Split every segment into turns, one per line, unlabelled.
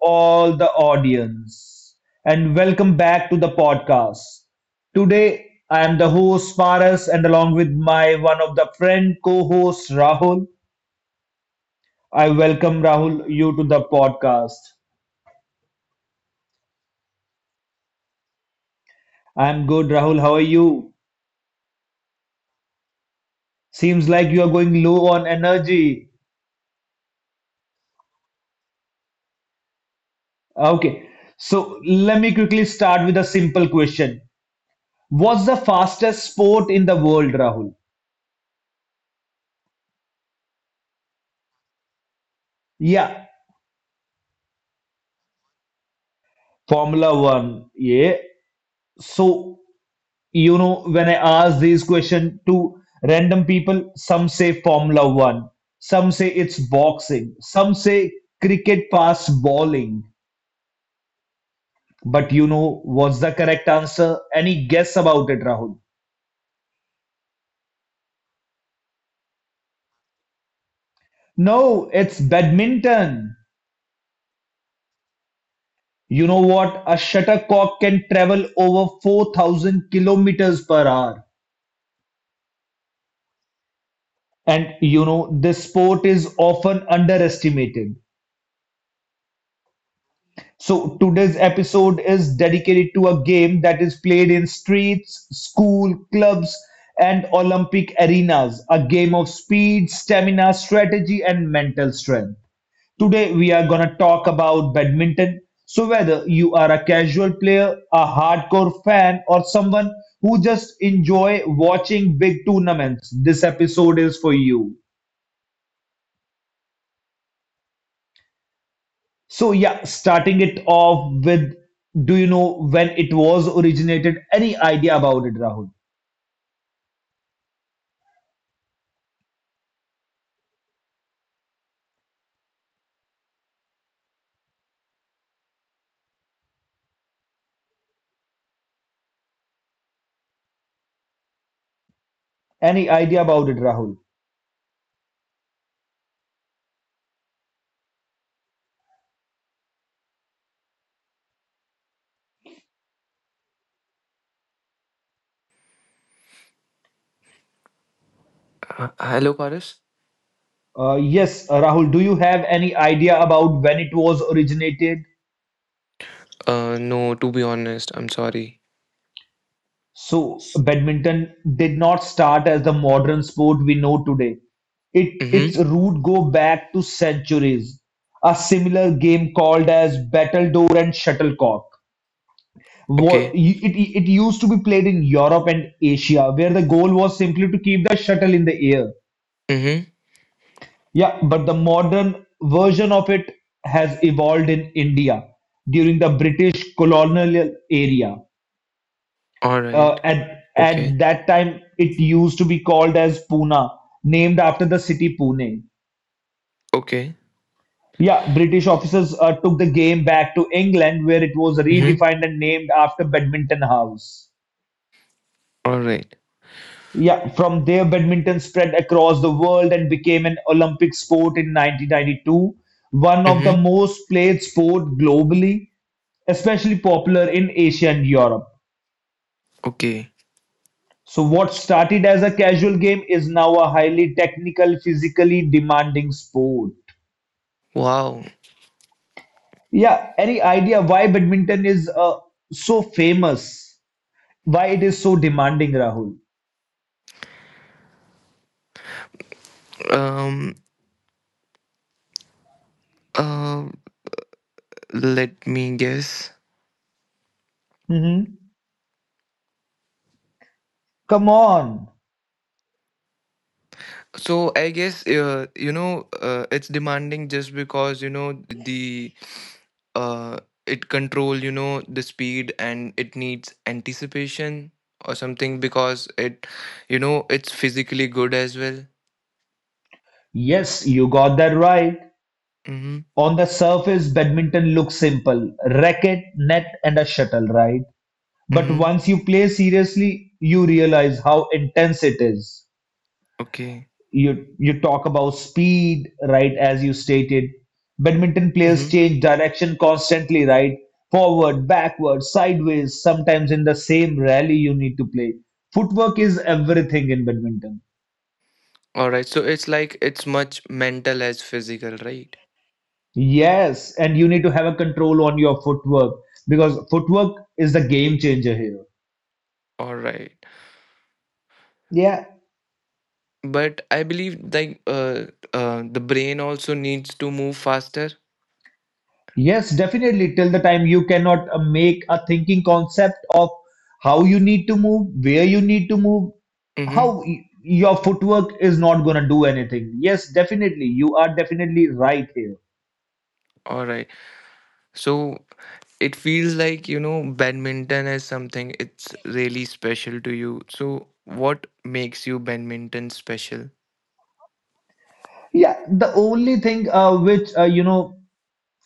all the audience, and welcome back to the podcast. Today, I am the host Paras, and along with my one of the friend co-host Rahul. I welcome Rahul you to the podcast. I'm good, Rahul. How are you? Seems like you are going low on energy. Okay, so let me quickly start with a simple question. What's the fastest sport in the world, Rahul? Yeah, Formula One. Yeah. So, you know, when I ask these question to random people, some say Formula One, some say it's boxing, some say cricket pass bowling. But what's the correct answer? Any guess about it, Rahul? No, it's badminton. You know what? A shuttlecock can travel over 4,000 kilometers per hour. And this sport is often underestimated. So today's episode is dedicated to a game that is played in streets, school, clubs, and Olympic arenas. A game of speed, stamina, strategy, and mental strength. Today we are gonna talk about badminton. So whether you are a casual player, a hardcore fan, or someone who just enjoy watching big tournaments, this episode is for you. So yeah, starting it off with, do you know when it was originated? Any idea about it, Rahul? Any idea about it, Rahul?
Hello, Paris.
Yes, Rahul, do you have any idea about when it was originated?
No, to be honest, I'm sorry.
So badminton did not start as the modern sport we know today. It
Mm-hmm.
its root go back to centuries. A similar game called as battledore and shuttlecock wa-
Okay.
it, it used to be played in Europe and Asia, where the goal was simply to keep the shuttle in the air.
Mm-hmm.
Yeah, but the modern version of it has evolved in India during the British colonial area.
All right.
Uh, at,
Okay.
at that time, it used to be called as Pune, named after the city Pune.
Okay.
Yeah, British officers took the game back to England, where it was
Mm-hmm.
redefined and named after Badminton House.
All right.
Yeah, from there, badminton spread across the world and became an Olympic sport in 1992, one of the
Mm-hmm.
most played sport globally, especially popular in Asia and Europe.
Okay.
So what started as a casual game is now a highly technical, physically demanding sport.
Wow.
Yeah, any idea why badminton is so famous? Why it is so demanding, Rahul?
Um. Uh. Let me guess.
Hmm. Come on.
So I guess, it's demanding just because the uh it control the speed, and it needs anticipation or something because it you know it's physically good as well.
Yes, you got that right.
Mm-hmm.
On the surface, badminton looks simple racket, net, and a shuttle, right? But
Mhm.
once you play seriously, you realize how intense it is.
Okay.
You talk about speed, right? As you stated, badminton players
Mhm.
change direction constantly, right? Forward, backward, sideways, sometimes in the same rally you need to play. Footwork is everything in badminton.
Alright. So it's like it's much mental as physical, right?
Yes, and you need to have a control on your footwork because footwork is the game changer here.
Alright.
Yeah.
But I believe, like, the brain also needs to move faster.
Yes, definitely. Till the time you cannot make a thinking concept of how you need to move, where you need to move,
Mm-hmm.
how your footwork is not going to do anything. Yes, definitely. You are definitely right here.
Alright. So it feels like, badminton is something it's really special to you. So what makes you badminton special?
Yeah, the only thing which uh, you know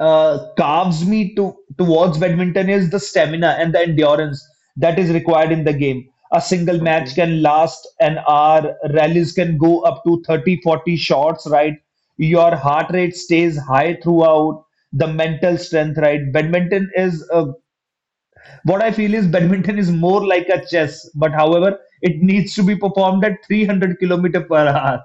uh, carves me to towards badminton is the stamina and the endurance that is required in the game. A single match
Okay.
can last an hour, rallies can go up to 30, 40 shots, right? Your heart rate stays high throughout, the mental strength, right? Badminton is what I feel is badminton is more like a chess, but however, it needs to be performed at 300 kilometer per hour.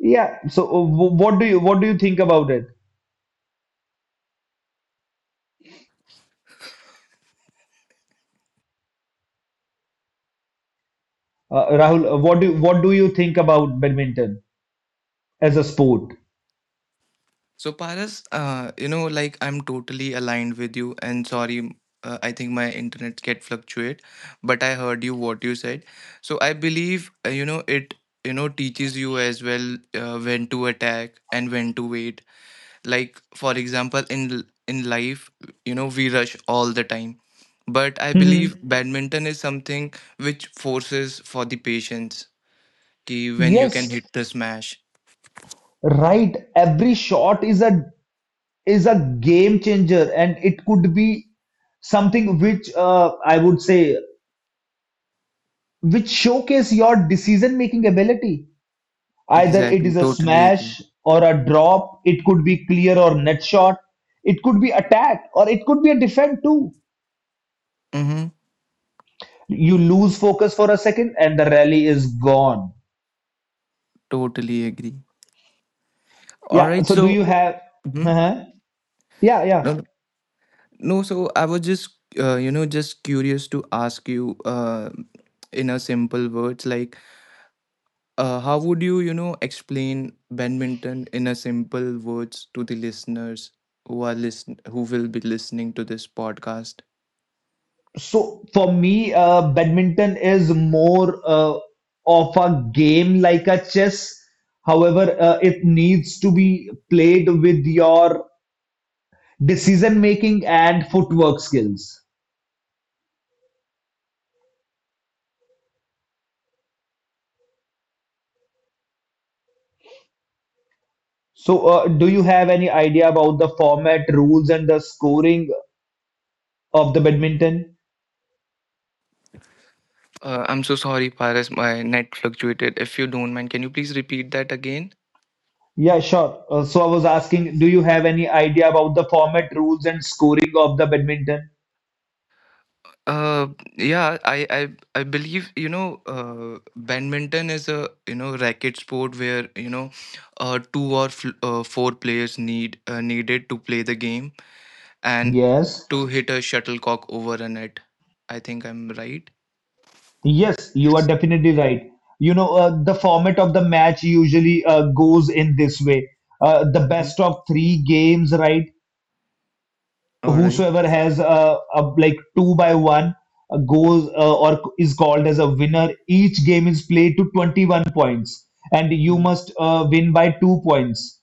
Yeah. So, what do you think about it? Rahul, what do you think about badminton as a sport?
So Paras, like, I'm totally aligned with you, and sorry, I think my internet get fluctuate, but I heard you what you said. So I believe, you know it. Teaches you as well, when to attack and when to wait. Like, for example, in life, we rush all the time, but I believe,
Mhm.
Badminton is something which forces for the patience. Ki, when you can
Yes,
hit the smash.
right. Every shot is a game changer, and it could be something which I would say which showcase your decision making ability. Either it
Exactly.
is a
Totally agree.
smash or a drop. It could be clear or net shot. It could be attack or it could be a defend too.
Mm-hmm.
You lose focus for a second, and the rally is gone.
Totally agree. All
Yeah.
right.
So do you
So,
have?
Mhm.
uh Yeah, yeah.
no, no, no, so I was just, just curious to ask you, in a simple words, like, how would you, explain badminton in a simple words to the listeners who will be listening to this podcast?
So for me, badminton is more of a game like a chess. However, it needs to be played with your decision making and footwork skills. So, do you have any idea about the format, rules, and the scoring of the badminton?
I'm so sorry, Paris. My net fluctuated. If you don't mind, can you please repeat that again?
Yeah, sure. So I was asking, do you have any idea about the format, rules, and scoring of the badminton?
Uh, yeah, I believe, badminton is a, you know, racket sport where, two or four players needed to play the game and
Yes.
to hit a shuttlecock over a net. I think I'm right.
Yes, you are definitely right. The format of the match usually goes in this way. The
Mhm.
best of three games, right?
All right.
Whosoever has like two by one goes or is called as a winner. Each game is played to 21 points, and you
Mm.
must win by 2 points.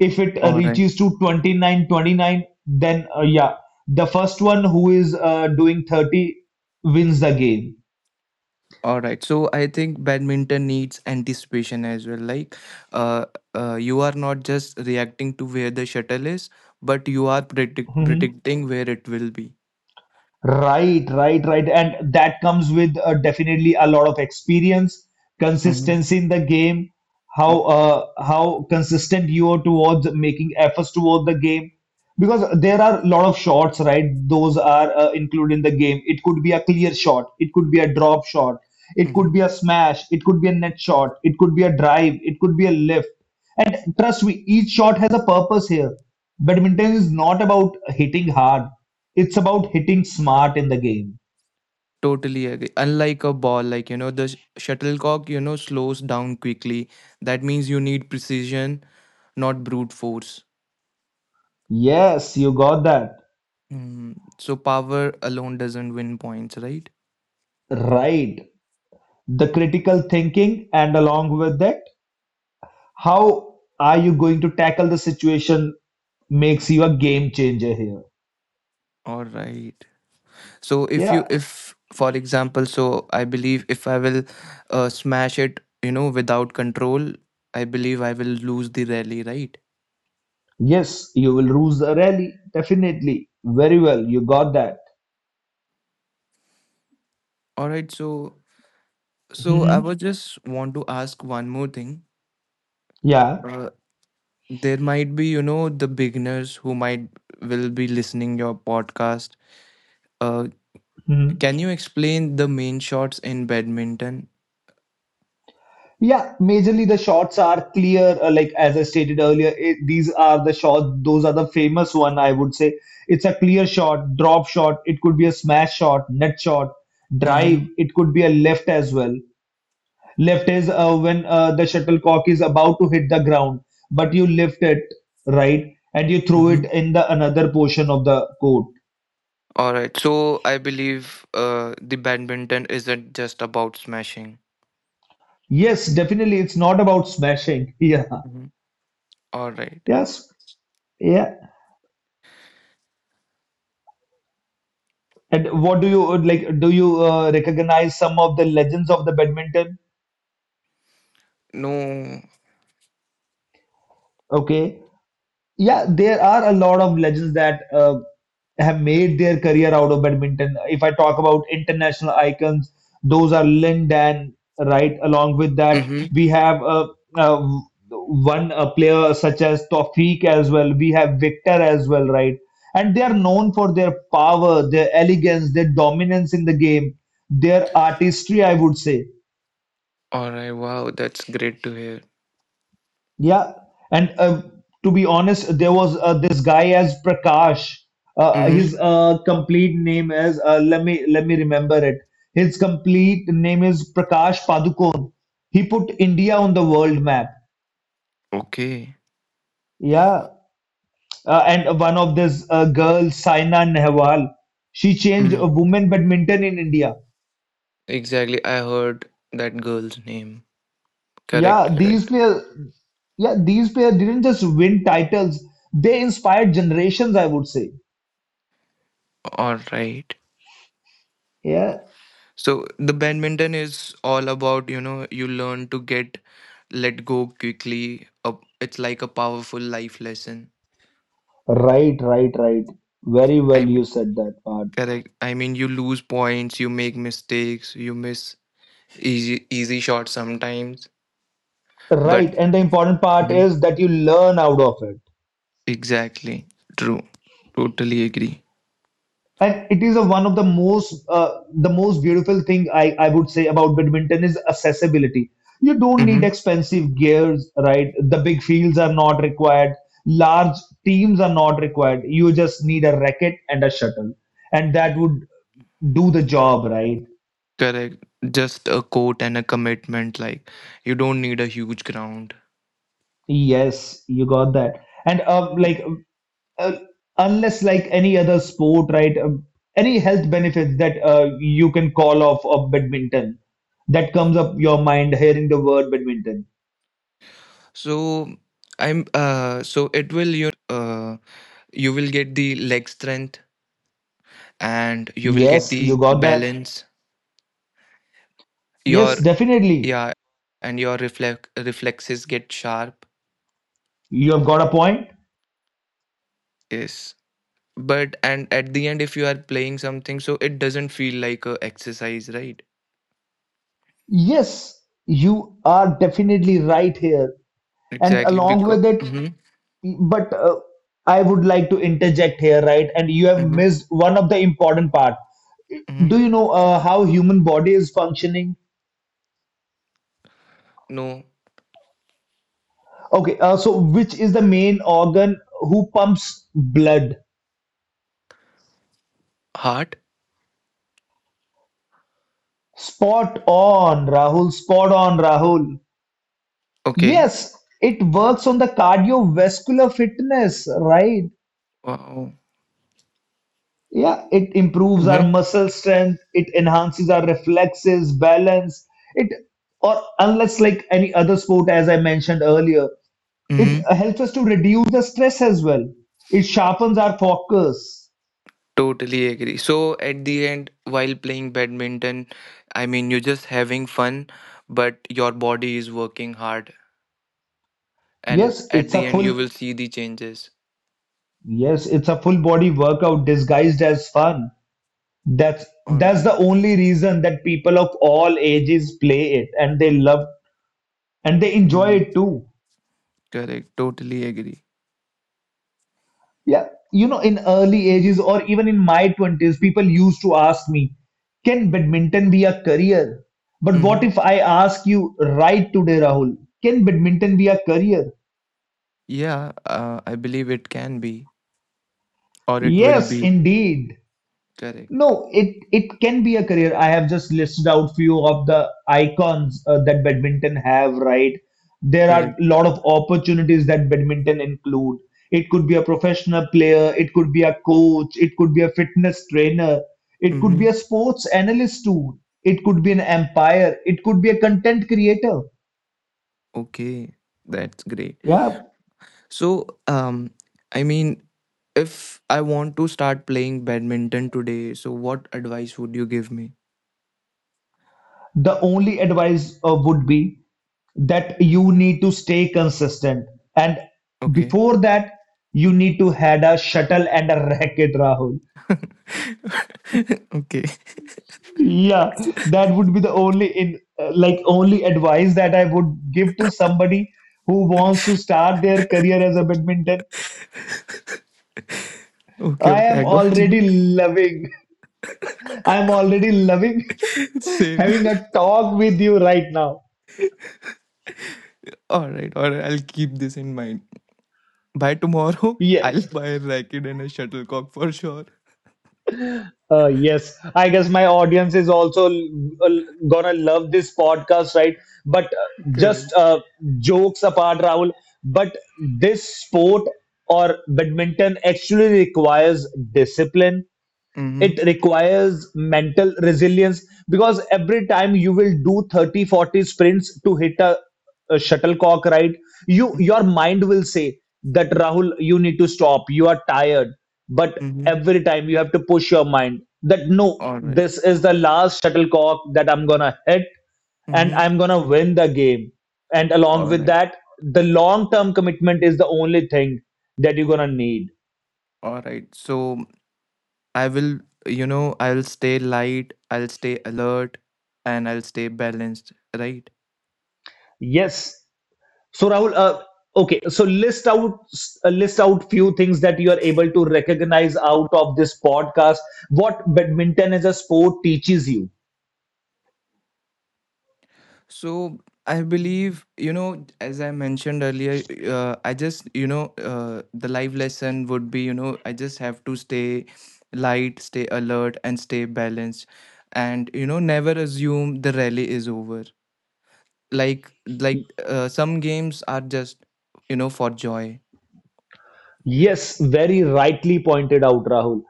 If it
All right.
reaches to 29, 29, then yeah, the first one who is doing 30 wins the game.
All right. So I think badminton needs anticipation as well. Like, uh, you are not just reacting to where the shuttle is, but you are predicting where it will be.
Right, right, right. And that comes with definitely a lot of experience, consistency in the game,
Mhm,
how consistent you are towards making efforts toward the game. Because there are a lot of shots, right? Those are included in the game. It could be a clear shot, it could be a drop shot, it could
mhm.
be a smash, it could be a net shot, it could be a drive, it could be a lift. And trust me, each shot has a purpose here. Badminton is not about hitting hard, it's about hitting smart in the game.
Totally agree. Unlike a ball, like, the shuttlecock, slows down quickly. That means you need precision, not brute force.
Yes, you got that.
Mm. So power alone doesn't win points, right?
Right. The critical thinking, and along with that, how are you going to tackle the situation makes you a game changer here.
All right. So,
Yeah.
if for example, so I believe if I will smash it, without control, I believe I will lose the rally, right?
Yes, you will lose the rally. Definitely. Very well. You got that.
All right. so I
Hmm.
was just want to ask one more thing.
Yeah.
Uh, there might be, the beginners who might will be listening your podcast, uh can you explain the main shots in badminton?
Yeah, majorly the shots are clear. Like as I stated earlier, these are the shot. Those are the famous one. I would say it's a clear shot, drop shot. It could be a smash shot, net shot, drive.
Mm-hmm.
It could be a left as well. Left is when the shuttlecock is about to hit the ground, but you lift it right and you throw it
Mm-hmm.
in the another portion of the court.
All right. So I believe, the badminton isn't just about smashing.
Yes, definitely, it's not about smashing. Yeah.
Mhm. All right.
Yes. Yeah. And what do you like? Do you recognize some of the legends of the badminton?
No.
Okay. Yeah, there are a lot of legends that have made their career out of badminton. If I talk about international icons, those are Lin Dan, right? Along with that,
Mm-hmm.
we have uh, one player such as Taufeeq as well. We have Victor as well, right? And they are known for their power, their elegance, their dominance in the game, their artistry, I would say.
All right. Wow, that's great to hear.
Yeah, and to be honest, there was this guy as Prakash.
Mm-hmm.
His complete name is let me remember it. His complete name is Prakash Padukone. He put India on the world map.
Okay.
Yeah, and one of this girl, Saina Nehwal, she changed
Mm.
women badminton in India.
Exactly, I heard that girl's name
Yeah,
correct.
these
Correct.
players, yeah, these players didn't just win titles; they inspired generations. I would say.
All right.
Yeah.
So the badminton is all about, you learn to get let go quickly. Up, it's like a powerful life lesson.
Right, right, right. Very well, you
I'm
said that part.
correct. I mean, you lose points, you make mistakes, you miss easy shots sometimes. But
Right, and the important part
Mhm.
is that you learn out of it,
exactly true. Totally agree.
and it is a, one of the most beautiful thing I would say about badminton is accessibility. You don't need
Hmm.
expensive gears, right? The big fields are not required. Large teams are not required. You just need a racket and a shuttle, and that would do the job, right?
Correct. Just a court and a commitment. Like, you don't need a huge ground.
Yes, you got that. And
Yeah.
uh, unless like any other sport, right? Any health benefits that you can call off of badminton that comes up your mind hearing the word badminton.
So I'm, so it will, uh you will get the leg strength, and you will get
Yes,
the
you got that.
balance your,
Yes, definitely.
yeah, and your reflexes get sharp,
You have got a point.
yes, but and at the end, if you are playing something, so it doesn't feel like a exercise, right?
Yes, you are definitely right here. And
Exactly,
along
because
with it,
hmm,
But I would like to interject here, right? And you have
hmm,
missed one of the important part.
hmm,
Do you know how human body is functioning?
no
Okay, so which is the main organ who pumps blood?
heart.
Spot on, Rahul. Spot on, Rahul.
Okay.
Yes, it works on the cardiovascular fitness, right?
Wow.
Yeah, it improves
Hmm.
our muscle strength, it enhances our reflexes, balance. It or unless like any other sport, as I mentioned earlier, it
Hmm.
helps us to reduce the stress as well. It sharpens our focus.
Totally agree. So at the end, while playing badminton, I mean, you're just having fun but your body is working hard, and
Yes,
at
it's a
the end you
full
will see the changes.
yes, it's a full body workout disguised as fun. That's
All
that's
right.
the only reason that people of all ages play it and they love and they enjoy
Mm-hmm.
it too.
Correct. Totally agree.
Yeah. You know, in early ages or even in my 20s, people used to ask me, can badminton be a career? But what
Mm-hmm.
if I ask you right today, Rahul? Can badminton be a career?
Yeah, I believe it can be or it will
Yes,
be.
indeed.
Correct.
No, it can be a career. I have just listed out few of the icons that badminton have, right? There are a
Correct.
lot of opportunities that badminton include. It could be a professional player, it could be a coach, it could be a fitness trainer, it could
Mm-hmm.
be a sports analyst too, it could be an umpire, it could be a content creator.
Okay, that's great.
Yeah.
So, um, I mean, if I want to start playing badminton today, so what advice would you give me?
The only advice would be that you need to stay consistent. And
Okay.
before that, you need to had a shuttle and a racket, Rahul.
Okay.
Yeah, that would be the only in like only advice that I would give to somebody who wants to start their career as a badminton.
Okay,
I
okay, I
am
got you.
already loving. I am already loving
Same.
having a talk with you right now.
All right, I'll keep this in mind. By tomorrow, I'll
Yes.
buy a racket and a shuttlecock for sure.
Yes, I guess my audience is also l- gonna love this podcast, right? But just
Correct.
jokes apart, Rahul, but this sport or badminton actually requires discipline it
Mm-hmm.
requires mental resilience because every time you will do 30, 40 sprints to hit a shuttlecock right you your mind will say that rahul you need to stop you are tired but
Mm-hmm.
every time you have to push your mind that no
All right.
this is the last shuttlecock that I'm gonna hit and
Mm-hmm.
I'm gonna win the game and along
All
with
right.
that the long term commitment is the only thing that you're gonna need
All right. So I will, you know, I'll stay light, I'll stay alert, and I'll stay balanced, right?
yes. So Rahul, okay, so list out list out few things that you are able to recognize out of this podcast. What badminton as a sport teaches you.
So I believe, as I mentioned earlier, I just, you know, the life lesson would be, I just have to stay light, stay alert, and stay balanced, and never assume the rally is over. Like, some games are just, for joy.
Yes, very rightly pointed out, Rahul.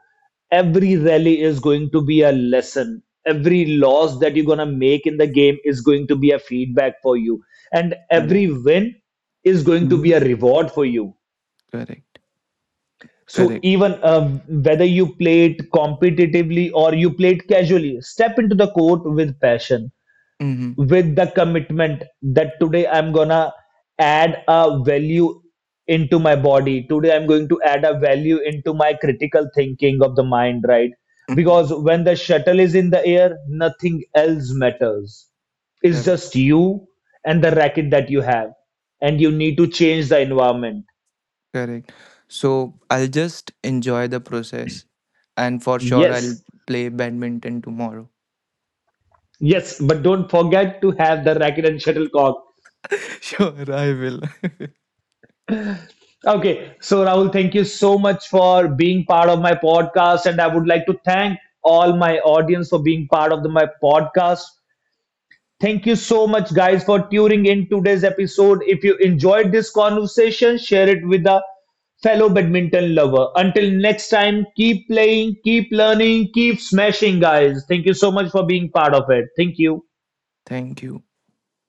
Every rally is going to be a lesson. Every loss that you're going to make in the game is going to be a feedback for you. And
Correct.
every win is going to be
Hmm.
a reward for you.
Correct.
So
Correct.
even whether you play it competitively or you play it casually, step into the court with passion,
Mm-hmm.
with the commitment that today I'm gonna add a value into my body. Today I'm going to add a value into my critical thinking of the mind, right?
Mm-hmm.
Because when the shuttle is in the air, nothing else matters. It's just
Correct.
you and the racket that you have, and you need to change the environment.
Correct. So I'll just enjoy the process, and for sure I'll
Yes.
play badminton tomorrow.
Yes, but don't forget to have the racket and shuttlecock.
Sure, I will.
Okay, so Rahul, thank you so much for being part of my podcast, and I would like to thank all my audience for being part of the, my podcast. Thank you so much, guys, for tuning in today's episode. If you enjoyed this conversation, share it with a fellow badminton lover. Until next time, keep playing, keep learning, keep smashing, guys. Thank you so much for being part of it. Thank you.
Thank you.